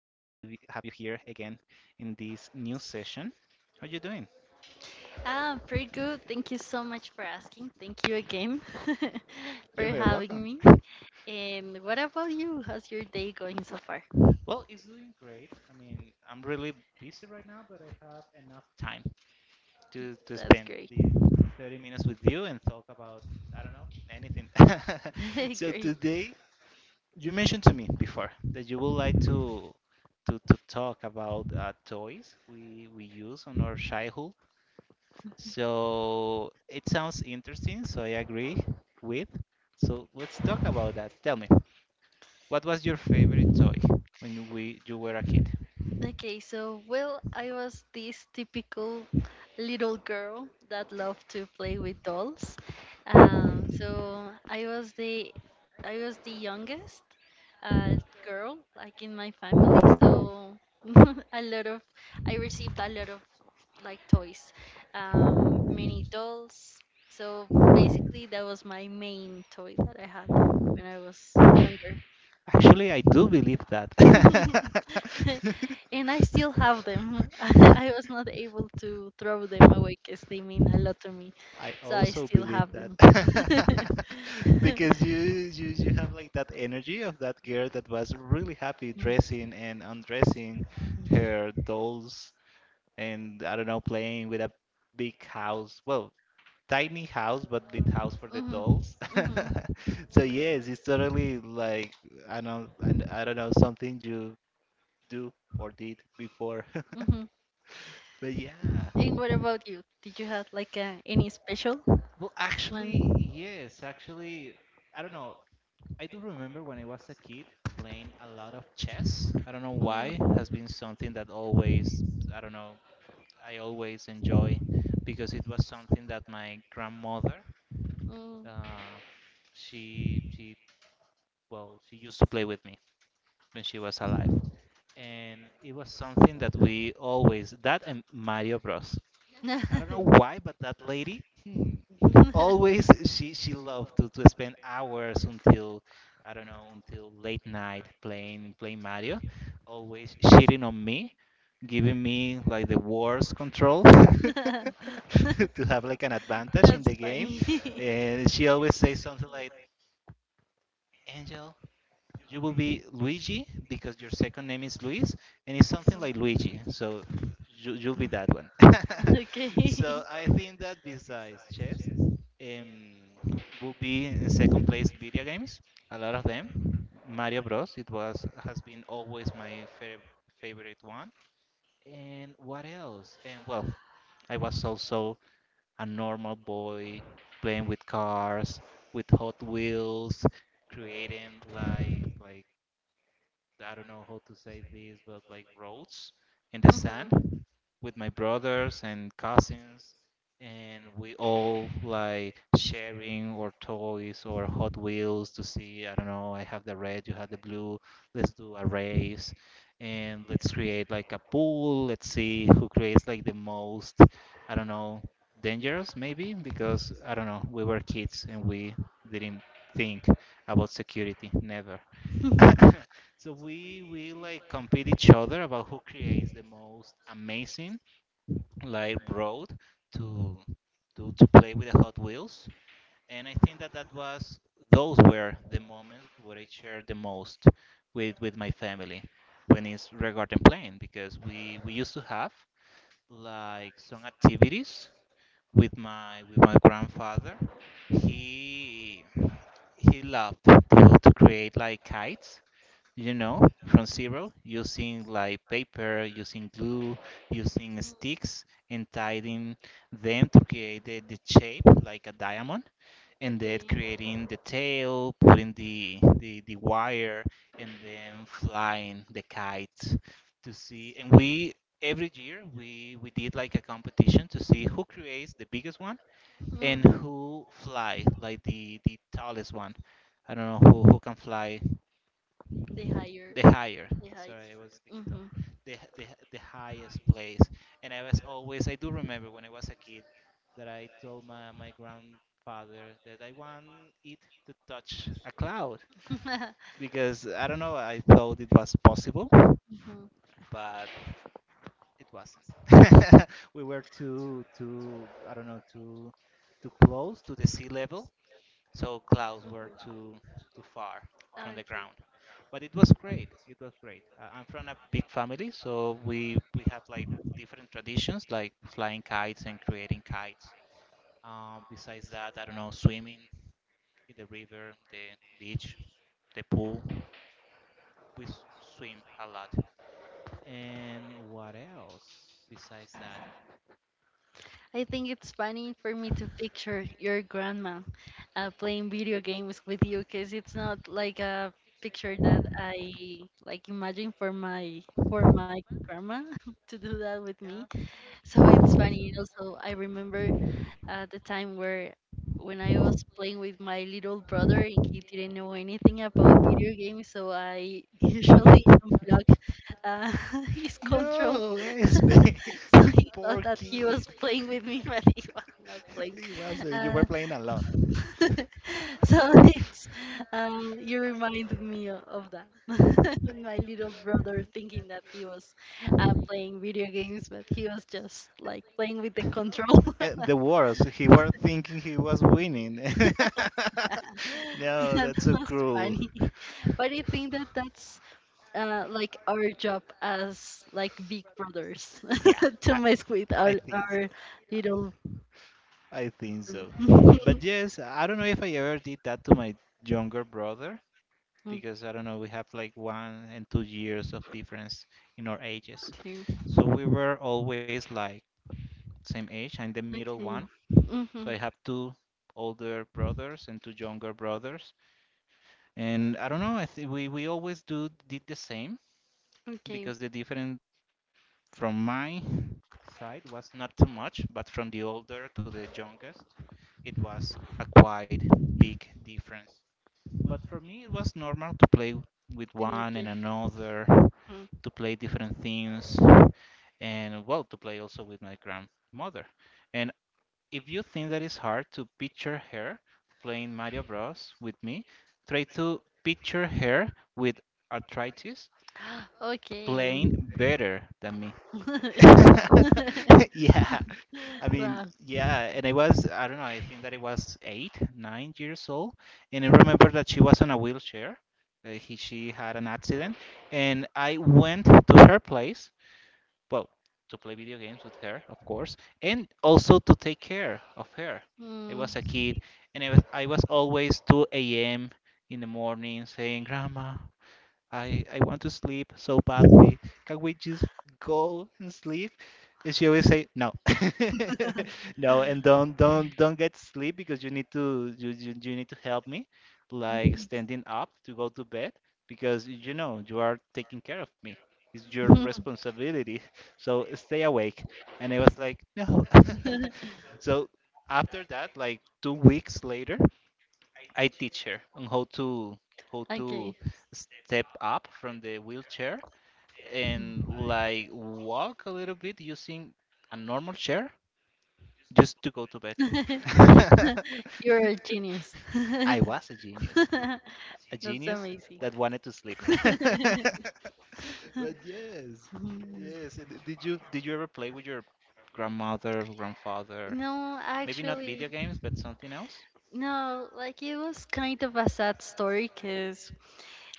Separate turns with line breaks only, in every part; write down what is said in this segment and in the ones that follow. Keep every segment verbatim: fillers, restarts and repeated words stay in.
have you here again in this new session. How you doing?
Ah, pretty good. Thank you so much for asking. Thank you again for
You're very
having
welcome.
me. And what about you? How's your day going so far?
Well, it's doing great. I mean, I'm really busy right now, but I have enough time to to
That's
spend
great.
these thirty minutes with you and talk about, I don't know, anything. So
Great.
today, you mentioned to me before that you would like to to to talk about uh, toys we we use on our childhood. So it sounds interesting, so I agree with. So let's talk about that. Tell me, what was your favorite toy when we you were a kid?
Okay, so, well, I was this typical little girl that loved to play with dolls. Um, so I was the I was the youngest uh, girl, like in my family. So a lot of I received a lot of like toys, um, mini dolls. So basically, that was my main toy that I had when I was younger.
Actually, I do believe that.
And I still have them. I was not able to throw them away because they mean a lot to me.
I
So I
also
still
believe
have
that.
them.
Because you, you you have like that energy of that girl that was really happy
Hmm.
dressing and undressing her dolls and, I don't know, playing with a big house. Well, tiny house, but big house for the dolls.
Hmm.
So yes, it's totally like I don't I, I I I don't know, something you do or did before.
Hmm.
But yeah.
And what about you? Did you have like uh, any special
Well,
one?
actually, yes, actually, I don't know. I do remember when I was a kid playing a lot of chess. I don't know
Mm.
why. Has been something that always, I don't know, I always enjoy because it was something that my grandmother.
Mm.
Uh, she she well she used to play with me when she was alive, and it was something that we always that and Mario Bros.
That's
I don't know why, but that lady, hmm, always she she loved to, to spend hours until, I don't know, until late night playing playing Mario, always cheating on me, giving me like the worst control to have like an advantage in the game,
funny.
and she always says something like, Angel, you will be Luigi because your second name is Luis and it's something like Luigi. So, you, you'll be that one.
Okay.
So I think that besides chess, um, will be in second place video games. A lot of them. Mario Bros. It was has been always my fav- favorite one. And what else? And well, I was also a normal boy playing with cars, with Hot Wheels, creating like like I don't know how to say this, but like roads in the sand
Mhm.
with my brothers and cousins, and we all like sharing our toys or Hot Wheels to see, I don't know, I have the red, you have the blue, let's do a race and let's create like a pool. Let's see who creates like the most, I don't know, dangerous maybe because I don't know, we were kids and we didn't think about security, never. So we we like compete each other about who creates the most amazing like road to to to play with the Hot Wheels, and I think that that was those were the moments where I shared the most with with my family when it's regarding playing because we we used to have like some activities with my with my grandfather. He he loved to, to create like kites, you know, from zero, using like paper, using glue, using sticks, and tying them to create the, the shape like a diamond, and then
Okay.
creating the tail, putting the, the, the wire, and then flying the kite to see. And we every year we we did like a competition to see who creates the biggest one and
Mhm.
who fly like the the tallest one. I don't know who, who can fly
They
the
hire.
higher,
They hire.
sorry, it was a bit taller,
Mhm.
the, the, the highest place. And I was always, I do remember when I was a kid that I told my, my grandfather that I want it to touch a cloud
Mhm.
because I don't know, I thought it was possible,
Mhm.
but it wasn't. We were too too I don't know, too too close to the sea level, so clouds were too too far from
Okay.
the ground. But it was great. It was great. Uh, I'm from a big family, so we we have like different traditions, like flying kites and creating kites. Um, besides that, I don't know, swimming in the river, the beach, the pool. We s- swim a lot. And what else besides that?
I think it's funny for me to picture your grandma uh, playing video games with you because it's not like a picture that I like imagine for my for my grandma to do that with me.
Yeah.
So it's funny. Also, I remember uh, the time where when I was playing with my little brother and he didn't know anything about video games, so I usually unplug uh, his control.
No, Espe.
So he thought
Poor
that he was
kid.
playing with me, but he was not playing.
He was. Uh, you were
Uh,
playing alone.
so it's um, you reminded me o- of that with my little brother thinking that he was uh, playing video games, but he was just like playing with the control.
And the worst, he were thinking he was winning. No,
Yeah,
that's
that
so
was
cruel.
funny. But I think that that's uh, like our job as like big brothers
Yeah,
to
I,
mess with
I
our,
think so.
our little.
I think so. But yes, I don't know if I ever did that to my younger brother
Mm,
because I don't know, we have like one and two years of difference in our ages. So we were always like same age. I'm the
okay,
middle one.
okay,
So
mm-hmm.
I have two older brothers and two younger brothers. And I don't know, I think we, we always do did the same
Okay,
because the difference from my side was not too much, but from the older to the youngest, it was a quite big difference. But for me, it was normal to play with
very
one and
okay.
another,
Mm.
to play different things, and well, to play also with my grandmother. And if you think that it's hard to picture her playing Mario Bros. With me, try to picture her with arthritis playing better than me.
Okay.
Yeah, I mean,
Wow.
yeah, and I was, I don't know, I think that it was eight, nine years old, and I remember that she was on a wheelchair. Uh, he, she had an accident, and I went to her place, well, to play video games with her, of course, and also to take care of her. I
Mm.
was a kid, and I was, I was always two a m in the morning saying, Grandma, I I want to sleep so badly. Can we just go and sleep?" And she always say, "No, no, and don't don't don't get sleep because you need to you, you you need to help me, like standing up to go to bed because you know you are taking care of me. It's your
Mhm.
responsibility. So stay awake." And I was like, "No." So after that, like two weeks later. I teach her on how to how to
Okay.
step up from the wheelchair and like walk a little bit using a normal chair just to go to bed.
You're a genius.
I was a genius, a
That's
genius
amazing.
that wanted to sleep. But yes,
Mhm.
yes. and Did you did you ever play with your grandmother, grandfather?
No,
Maybe not
actually,
video games, but something else?
no, like it was kind of a sad story because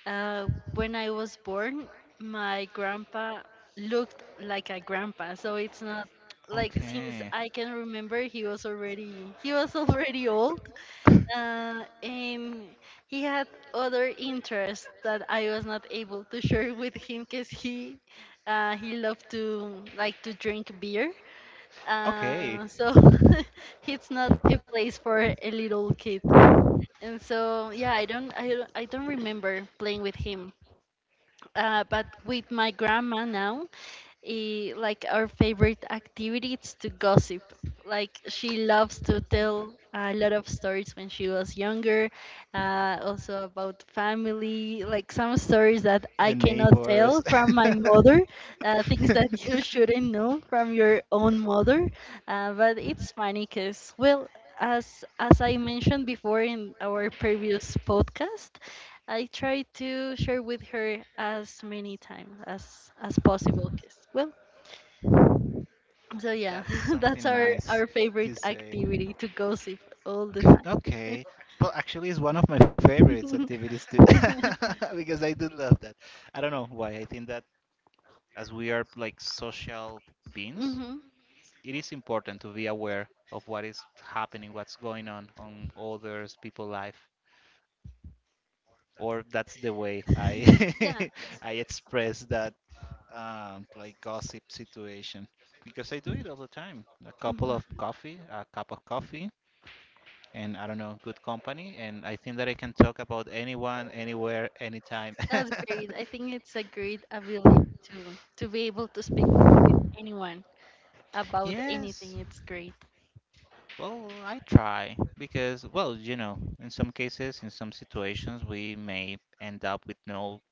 uh, when I was born, my grandpa looked like a grandpa, so it's not like since
Okay.
I can remember, he was already he was already old, uh, um, he had other interests that I was not able to share with him because he uh, he loved to like to drink beer. Uh,
Okay.
so it's not a place for a little kid. And so yeah, I don't I don't, I don't remember playing with him. Uh, but with my grandma now, eh, like our favorite activity is to gossip. Like she loves to tell a lot of stories when she was younger, uh, also about family, like some stories that I
The
cannot tell
neighbors.
from my mother, uh, things that you shouldn't know from your own mother. Uh, but it's funny because, well, as as I mentioned before in our previous podcast, I try to share with her as many times as as possible. Cause, well, so yeah,
That's
that's
something
our
nice
our
to
favorite
say.
activity to gossip all the time.
Okay, but actually, it's one of my favorites activities too, because I do love that. I don't know why. I think that as we are like social beings,
hmm
it is important to be aware of what is happening, what's going on on others' people' life. Or that's the way I
Yeah,
I express that, um, like gossip situation, because I do it all the time. A couple
hmm
of coffee, a cup of coffee, and I don't know, good company, and I think that I can talk about anyone, anywhere, anytime.
that's great. I think it's a great ability to to be able to speak with anyone about
Yes.
anything. It's great.
Well, I try because, well, you know, in some cases, in some situations, we may end up with no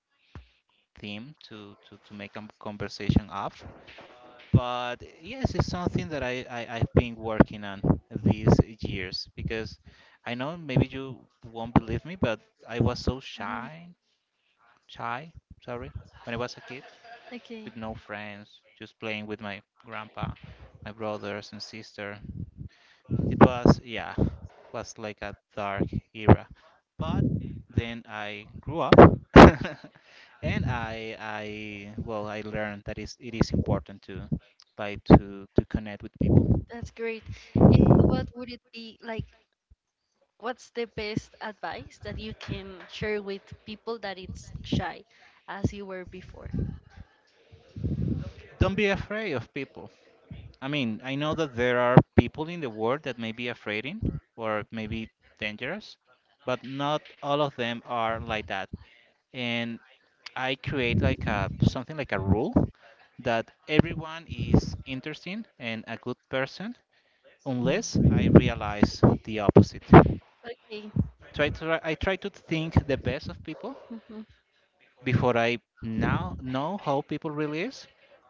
theme to to to make a conversation of. But yes, it's something that I, I, I've been working on these years because I know maybe you won't believe me, but I was so
Hmm
shy, shy, sorry, when I was a kid
Okay,
with no friends, just playing with my grandpa, my brothers and sister. It was, yeah, was like a dark era. But then I grew up and i i well I learned that is it is important to like to to connect with people.
that's great. And what would it be like? What's the best advice that you can share with people that it's shy as you were before?
Don't be afraid of people. I mean, I know that there are people in the world that may be afraid in or maybe dangerous, but not all of them are like that. And I create like a something like a rule that everyone is interesting and a good person unless I realize the opposite.
Okay.
Try to I try to think the best of people
Hmm.
before I now know how people really is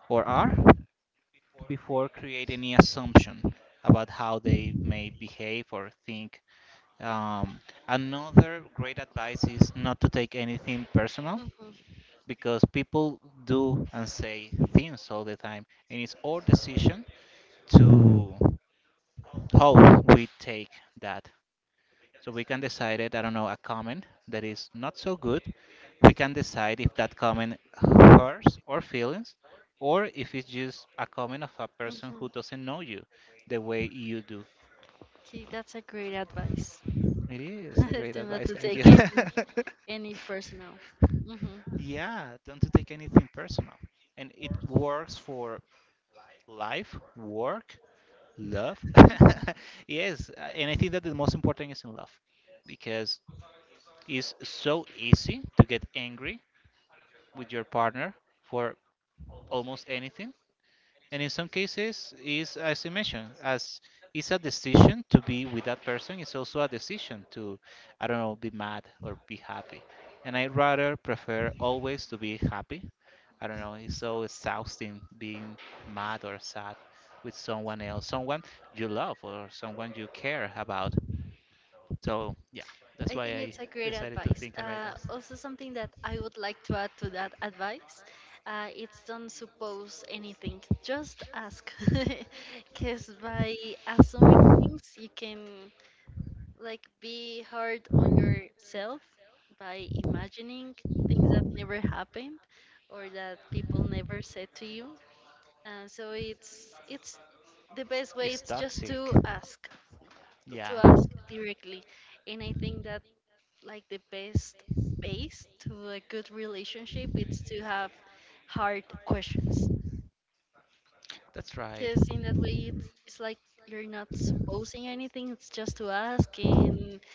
or are, before create any assumption about how they may behave or think. Um, another great advice is not to take anything personal
Hmm.
because people do and say things all the time, and it's our decision to how we take that. So we can decide it, I don't know, a comment that is not so good. We can decide if that comment hurts our feelings or if it's just a comment of a person who
Hmm.
doesn't know you the way you do.
Okay, that's a great advice.
It is a great
To not
advice,
to
thank you.
take any any personal. Hmm
Yeah, don't take anything personal. And it works for life, work, love? Yes, uh, and I think that the most important is in love because it's so easy to get angry with your partner for almost anything. And in some cases, is as you mentioned, as it's a decision to be with that person, it's also a decision to, I don't know, be mad or be happy. And I rather prefer always to be happy. I don't know, it's so exhausting being mad or sad with someone else, someone you love or someone you care about. So yeah, that's
I think
why I
it's a great
decided to
advice.
think about
Uh,
that.
also, something that I would like to add to that advice, uh, it's don't suppose anything. Just ask, because by assuming things, you can like be hard on yourself by imagining things that never happened or that people never said to you. Uh, so it's it's the best way.
It's
It's just
toxic.
to ask,
Yeah.
to ask directly, and I think that like the best base to a good relationship it's to have hard questions
That's right.
because in that way it's, it's like you're not supposing anything, it's just to ask, and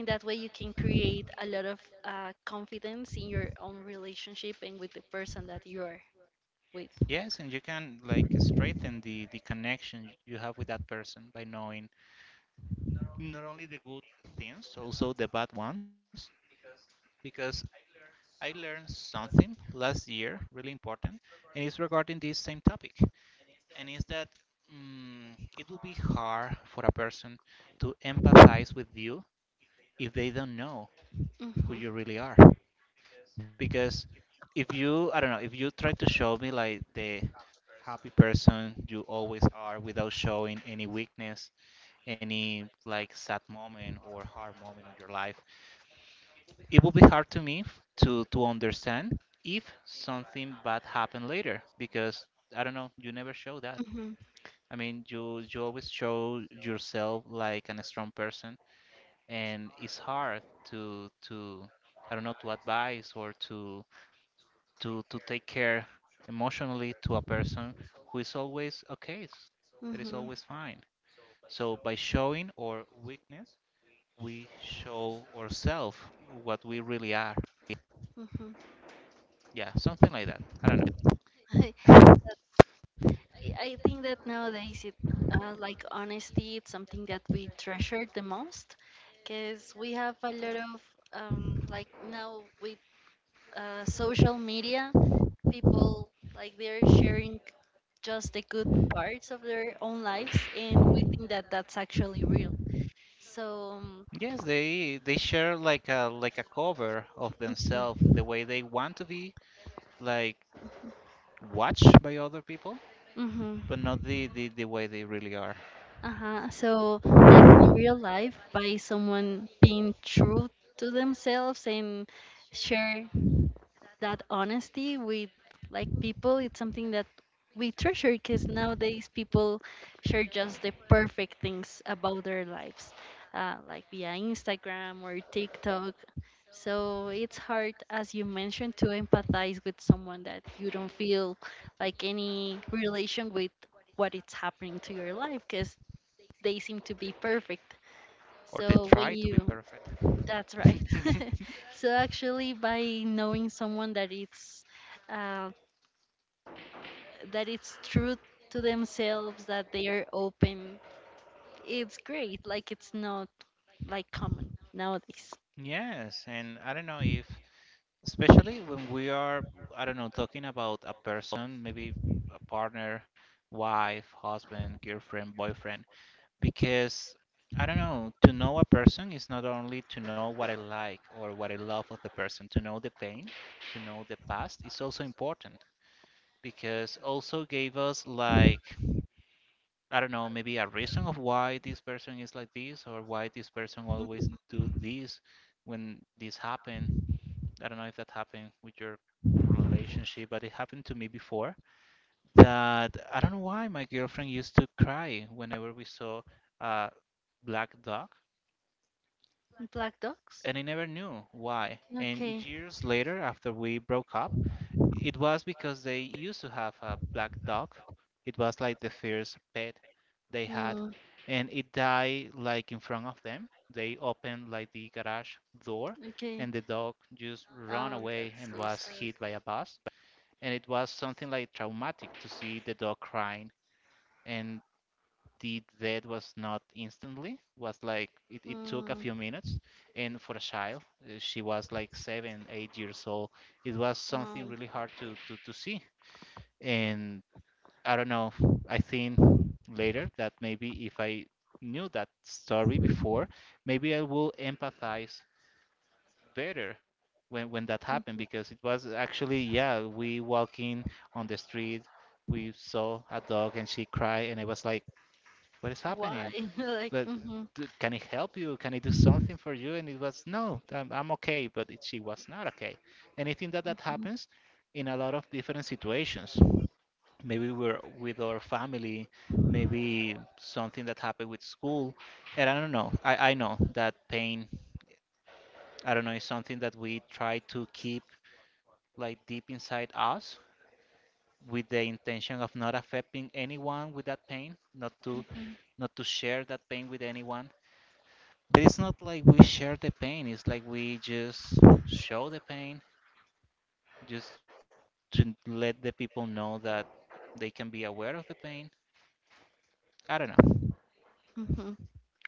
in that way you can create a lot of uh, confidence in your own relationship and with the person that you're with.
Yes, and you can like strengthen the the connection you have with that person by knowing not only the good things, also the bad ones. Because I learned something last year, really important, and it's regarding this same topic. And is that mm, it will be hard for a person to empathize with you if they don't know who
Hmm
you really are. Because if you I don't know, if you try to show me like the happy person you always are without showing any weakness, any like sad moment or hard moment in your life, it will be hard to me f- to to understand if something bad happened later because I don't know, you never show that.
hmm
I mean, you you always show yourself like an strong person, and it's hard to to I don't know, to advise or to to to take care emotionally to a person who is always okay, that is
hmm
always fine. So by showing our weakness, we show ourselves what we really are. Yeah, something like that. I don't know.
hmm I think that nowadays it uh, like honesty, it's something that we treasure the most because we have a lot of um, like now with uh, social media, people like they're sharing just the good parts of their own lives, and we think that that's actually real. So, um,
Yes, they they share like a like a cover of themselves,
mm-hmm,
the way they want to be, like watched by other people,
mm-hmm,
but not the the, the way they really are,
uh-huh. So, like in real life, by someone being true to themselves and share that honesty with like people, it's something that we treasure because nowadays people share just the perfect things about their lives, uh, like via Instagram or TikTok, so it's hard, as you mentioned, to empathize with someone that you don't feel like any relation with what is happening to your life because they seem to be perfect,
or they
so when
try to be
you
perfect.
that's right. So actually, by knowing someone that it's uh, that it's true to themselves, that they are open, it's great. Like it's not like common nowadays.
Yes, and I don't know if, especially when we are, I don't know, talking about a person, maybe a partner, wife, husband, girlfriend, boyfriend, because I don't know, to know a person is not only to know what I like or what I love of the person. To know the pain, to know the past is also important because also gave us like, I don't know, maybe a reason of why this person is like this, or why this person always
Mhm.
do this when this happened. I don't know if that happened with your relationship, but it happened to me before that I don't know why my girlfriend used to cry whenever we saw a black dog,
Black
and
dogs.
I never knew why. And
Okay.
years later, after we broke up, it was because they used to have a black dog. It was like the first pet they had,
Mm,
and it died like in front of them. They opened like the garage door,
okay.
and the dog just ran
Oh,
away
that's
and
so
was
sad.
hit by a bus, and it was something like traumatic to see the dog crying, and the death was not instantly, was like it, it took a
Mm,
few minutes. And for a child uh, she was like seven eight years old. It was something
oh,
really hard to, to, to see. And I don't know, I think later that maybe if I knew that story before, maybe I will empathize better when when that
mhm.
happened, because it was actually, yeah, we walking on the street, we saw a dog and she cried, and I was like, what is
Why?
happening?
Like.
But
Mm-hmm,
d- can it help, you can it do something for you? And it was no, I'm, I'm okay. But it, she was not okay. And I think that that
mm-hmm,
happens in a lot of different situations. Maybe we're with our family, maybe something that happened with school, and I don't know, I, I know that pain. I don't know, is something that we try to keep like deep inside us, with the intention of not affecting anyone with that pain, not to
mm-hmm,
not to share that pain with anyone. But it's not like we share the pain, it's like we just show the pain, just to let the people know that they can be aware of the pain. I don't know.
mm-hmm.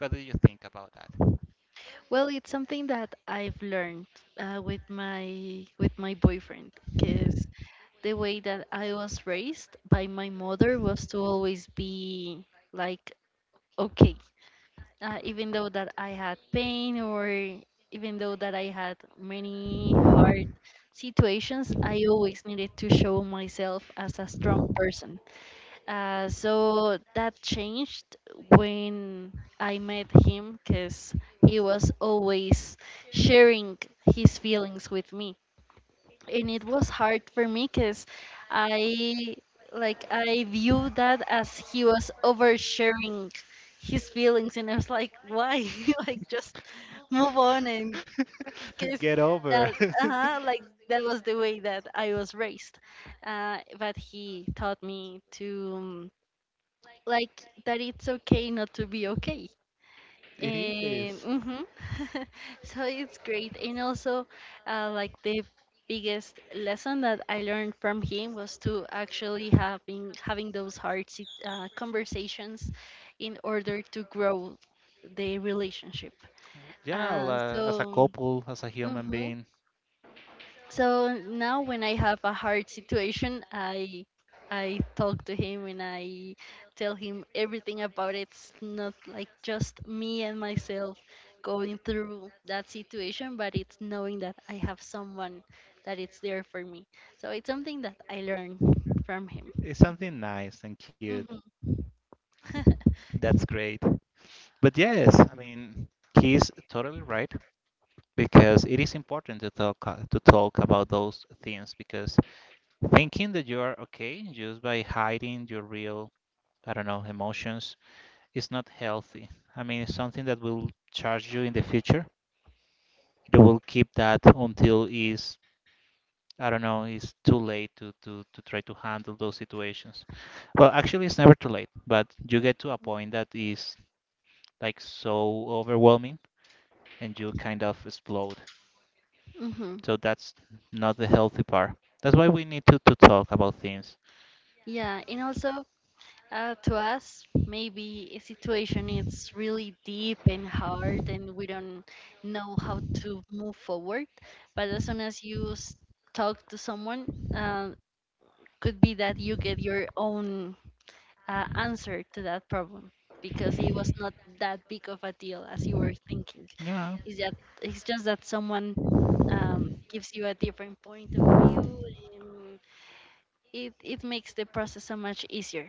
What do you think about that?
Well, it's something that I've learned uh, with my with my boyfriend, because the way that I was raised by my mother was to always be like okay, uh, even though that I had pain or even though that I had many hard situations, I always needed to show myself as a strong person. Uh, so that changed when I met him because he was always sharing his feelings with me. And it was hard for me because I like I viewed that as he was oversharing his feelings and I was like, why? Like just move on and because that uh like that was the way that I was raised. Uh, but he taught me to um, like that it's okay not to be okay. Um, mhm. So it's great. And also, uh, like the biggest lesson that I learned from him was to actually having having those hard sit- uh, conversations in order to grow the relationship.
Yeah,
Uh, so.
uh, as a couple, as a human
Mhm.
being,
So now when I have a hard situation, I I talk to him and I tell him everything about it. It's not like just me and myself going through that situation, but it's knowing that I have someone that it's there for me. So it's something that I learned from him.
it's something nice and cute.
Hmm
That's great. But yes, I mean, he's totally right. Because it is important to talk uh, to talk about those things, because thinking that you are okay just by hiding your real, I don't know, emotions is not healthy. I mean, it's something that will charge you in the future. You will keep that until is, I don't know, it's too late to, to to try to handle those situations. Well, actually, it's never too late, but you get to a point that is like so overwhelming and you kind of explode.
hmm
So that's not the healthy part. That's why we need to, to talk about things.
Yeah, and also, Uh, to us, maybe a situation it's really deep and hard, and we don't know how to move forward. But as soon as you s- talk to someone, uh, could be that you get your own uh, answer to that problem because it was not that big of a deal as you were thinking.
Yeah,
Is that it's just that someone um, gives you a different point of view, and it it makes the process so much easier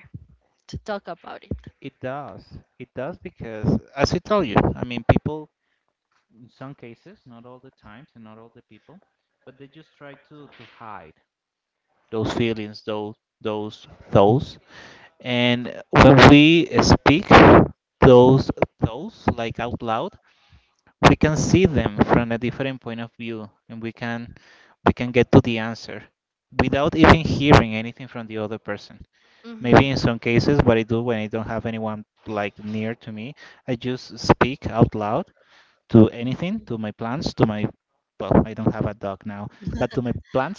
to talk about it.
it does. It does because, as I tell you, I mean, people, in some cases, not all the times and not all the people, but they just try to, to hide those feelings, those, those thoughts. And when we speak those thoughts, like out loud, we can see them from a different point of view, and we can we can get to the answer without even hearing anything from the other person.
Mm-hmm.
Maybe in some cases what I do when I don't have anyone like near to me, I just speak out loud to anything, to my plants, to my, well, I don't have a dog now, but to my plants.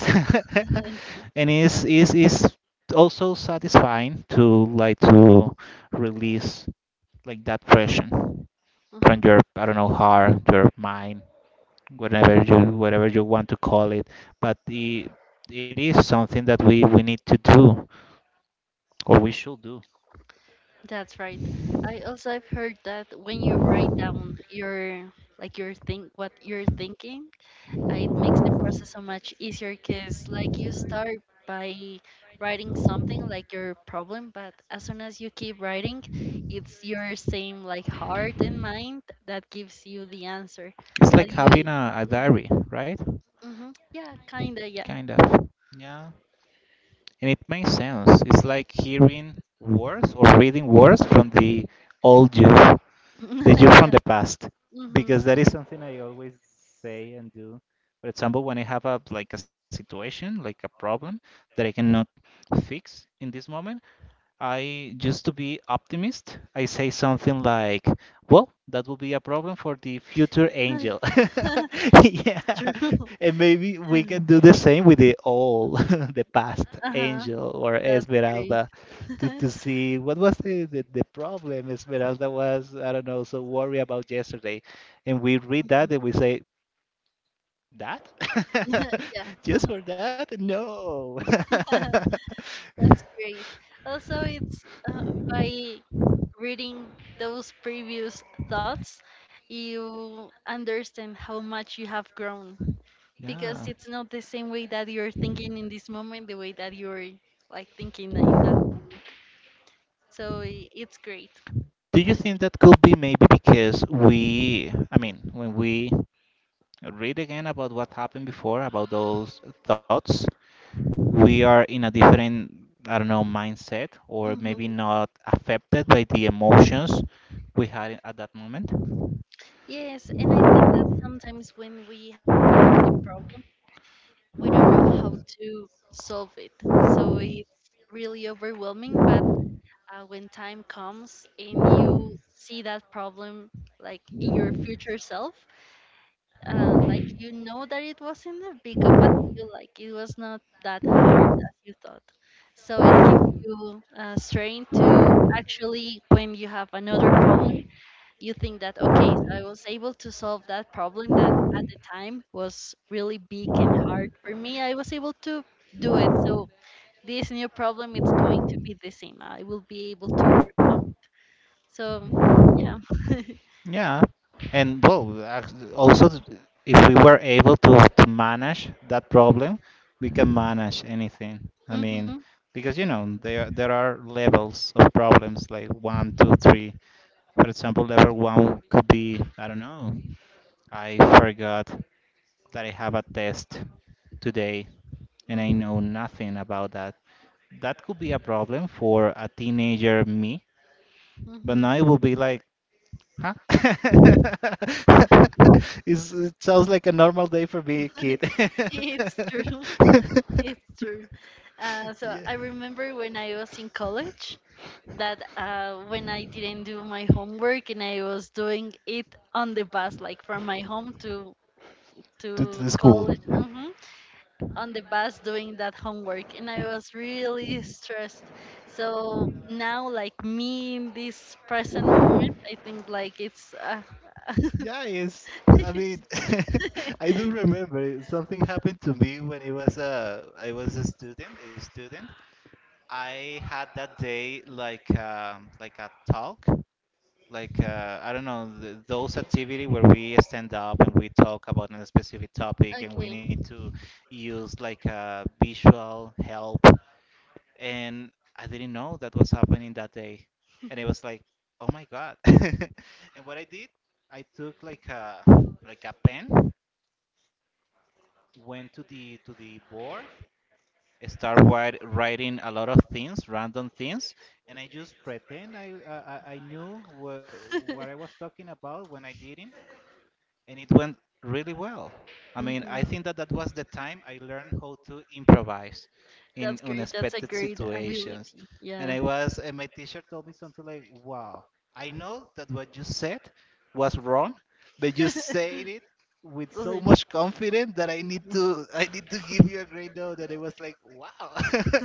Okay.
And it's is is also satisfying to like to release like that pressure from your,
Mhm.
I don't know, heart, your mind, whatever you whatever you want to call it. But it, it is something that we, we need to do, or we should do.
That's right. I also i have heard that when you write down your like your think what you're thinking, uh, it makes the process so much easier because like you start by writing something like your problem, but as soon as you keep writing, it's your same like heart and mind that gives you the answer
It's
that
like having
you.
a, a diary, right?
Hmm hmm Yeah, kinda. Yeah.
Kind of. Yeah. And it makes sense. It's like hearing words or reading words from the old you, the you from
Yeah.
the past,
hmm
because that is something I always say and do. For example, when I have a like a situation, like a problem that I cannot fix in this moment, I used to be optimist. I say something like, "Well, that will be a problem for the future angel." Yeah.
True.
And maybe we can do the same with the old, the past
Uh-huh.
angel or
That's great.
Esmeralda, to, to see what was the, the, the problem Esmeralda was, I don't know, so worried about yesterday. And we read that
Mhm.
and we say, that?
Yeah,
Just for that? No.
that's great. Also, it's uh, by reading those previous thoughts, you understand how much you have grown because
Yeah.
it's not the same way that you're thinking in this moment, the way that you're like thinking in that moment. So i- it's great
Do you
to
think
check.
that could be maybe because we, I mean, when we read again about what happened before, about those thoughts, we are in a different, I don't know, mindset, or
Mhm.
maybe not affected by the emotions we had at that moment?
Yes, and I think that sometimes when we have a problem we don't know how to solve it. So it's really overwhelming. But uh, when time comes and you see that problem like in your future self, uh, like you know that it wasn't that big of a deal, like it was not that hard as you thought. So it gives you uh, strength to actually, when you have another problem, you think that, okay, so i was able to solve that problem that at the time was really big and hard for me, i was able to do it, so this new problem it's going to be the same, i will be able to overcome. So yeah.
Yeah, and well, ac- also, th- if we were able to, to manage that problem, we can manage anything. I
hmm
mean, because you know, there there are levels of problems like one, two, three. For example, level one could be, I don't know, I forgot that I have a test today and I
hmm
know nothing about that. That could be a problem for a teenager me, but
hmm
now it will be like, huh? It's, it sounds like a normal day for me, kid.
it's true. It's true. Uh,
Yeah.
so i remember when i was in college that uh, when I didn't do my homework and I was doing it on the bus, like from my home to to
In
college,
school.
mhm, on the bus doing that homework, and i was really stressed, so now like me in this present moment i think like it's uh,
Yes, I
it's-
mean, I do remember something happened to me when it was a I was a student, a student. I had that day like um, like a talk, like uh, I don't know, th those activity where we stand up and we talk about a specific topic and we
okay.
need to use like a visual help, and I didn't know that was happening that day. And it was like, oh my God. And what I did, I took like a like a pen, went to the to the board, start write, writing a lot of things, random things, and I just pretend I I, I I knew wha- what I was talking about when I didn't. And it went really well. I mean,
hmm
I think that that was the time I learned how to improvise
that's
in
great, that's a
unexpected
great
situations.
ability, yeah.
And I was, and my teacher told me something like, "Wow, I know that what you said was wrong, but you said it with so
Okay.
much confidence that I need to, I need to give you a great note." And I was like, "Wow,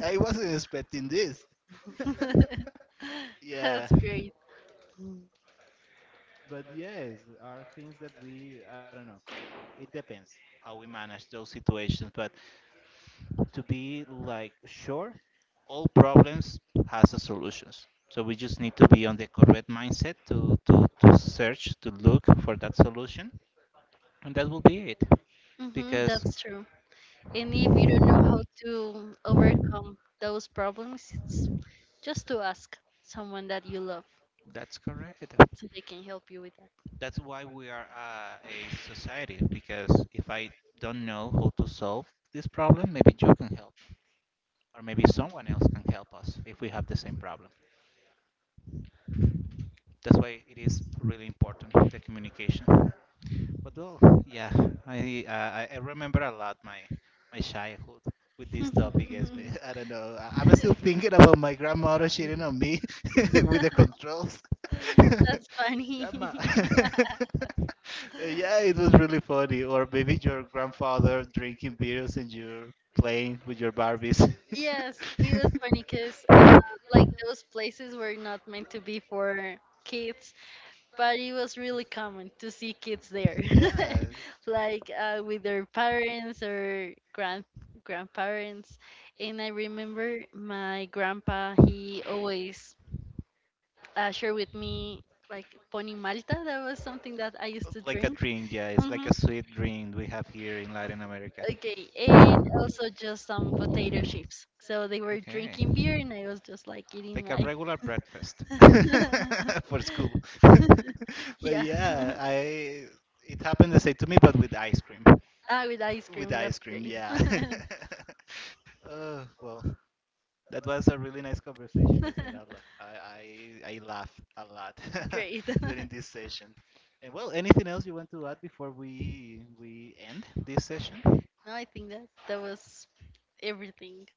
I wasn't expecting this." Yeah,
That's great. Hmm
but yes, are things that we, I don't know. It depends how we manage those situations, but to be like sure, all problems has a solutions, so we just need to be on the correct mindset to, to, to search, to look for that solution, and that will be it, because,
that's true. And if you don't know how to overcome those problems, it's just to ask someone that you love
that's correct,
so they can help you with that.
that's why we are uh, a society, because if I don't know how to solve this problem, maybe you can help, or maybe someone
Mhm.
else can help us if we have the same problem. That's why it is really important the communication. But well, yeah, I uh, I I remember a lot my my childhood with this topic. As we- I don't know, I- I'm still thinking about my grandmother cheating on me with the controls.
That's funny.
Grandma. Yeah, it was really funny. Or maybe your grandfather drinking beers and you're playing with your Barbies.
Yes, it was funny because uh, like those places were not meant to be for kids but it was really common to see kids there,
Yeah.
like uh, with their parents or grand grandparents. And I remember my grandpa; he always uh, shared with me like Pony Malta. That was something that I used to
Like
drink.
a drink, yeah, it's
Hmm
like a sweet drink we have here in Latin America.
Okay, and also just some potato chips. So they were
Okay.
drinking beer, and I was just like eating
Like a
my
regular breakfast for school. But
yeah,
yeah, I it happened the same to me, but with ice cream.
ah, with ice cream.
With
That's
ice
great.
cream, yeah. Oh well, that was a really nice conversation, Esmeralda. I, I, I laughed a lot
Great. No,
during this session. And well, anything else you want to add before we we end this session?
I think that that was everything.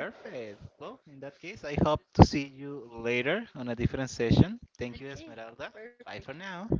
Perfect. Well, in that case, I hope to see you later on a different session. Thank you,
Okay,
Esmeralda.
perfect.
Bye for now.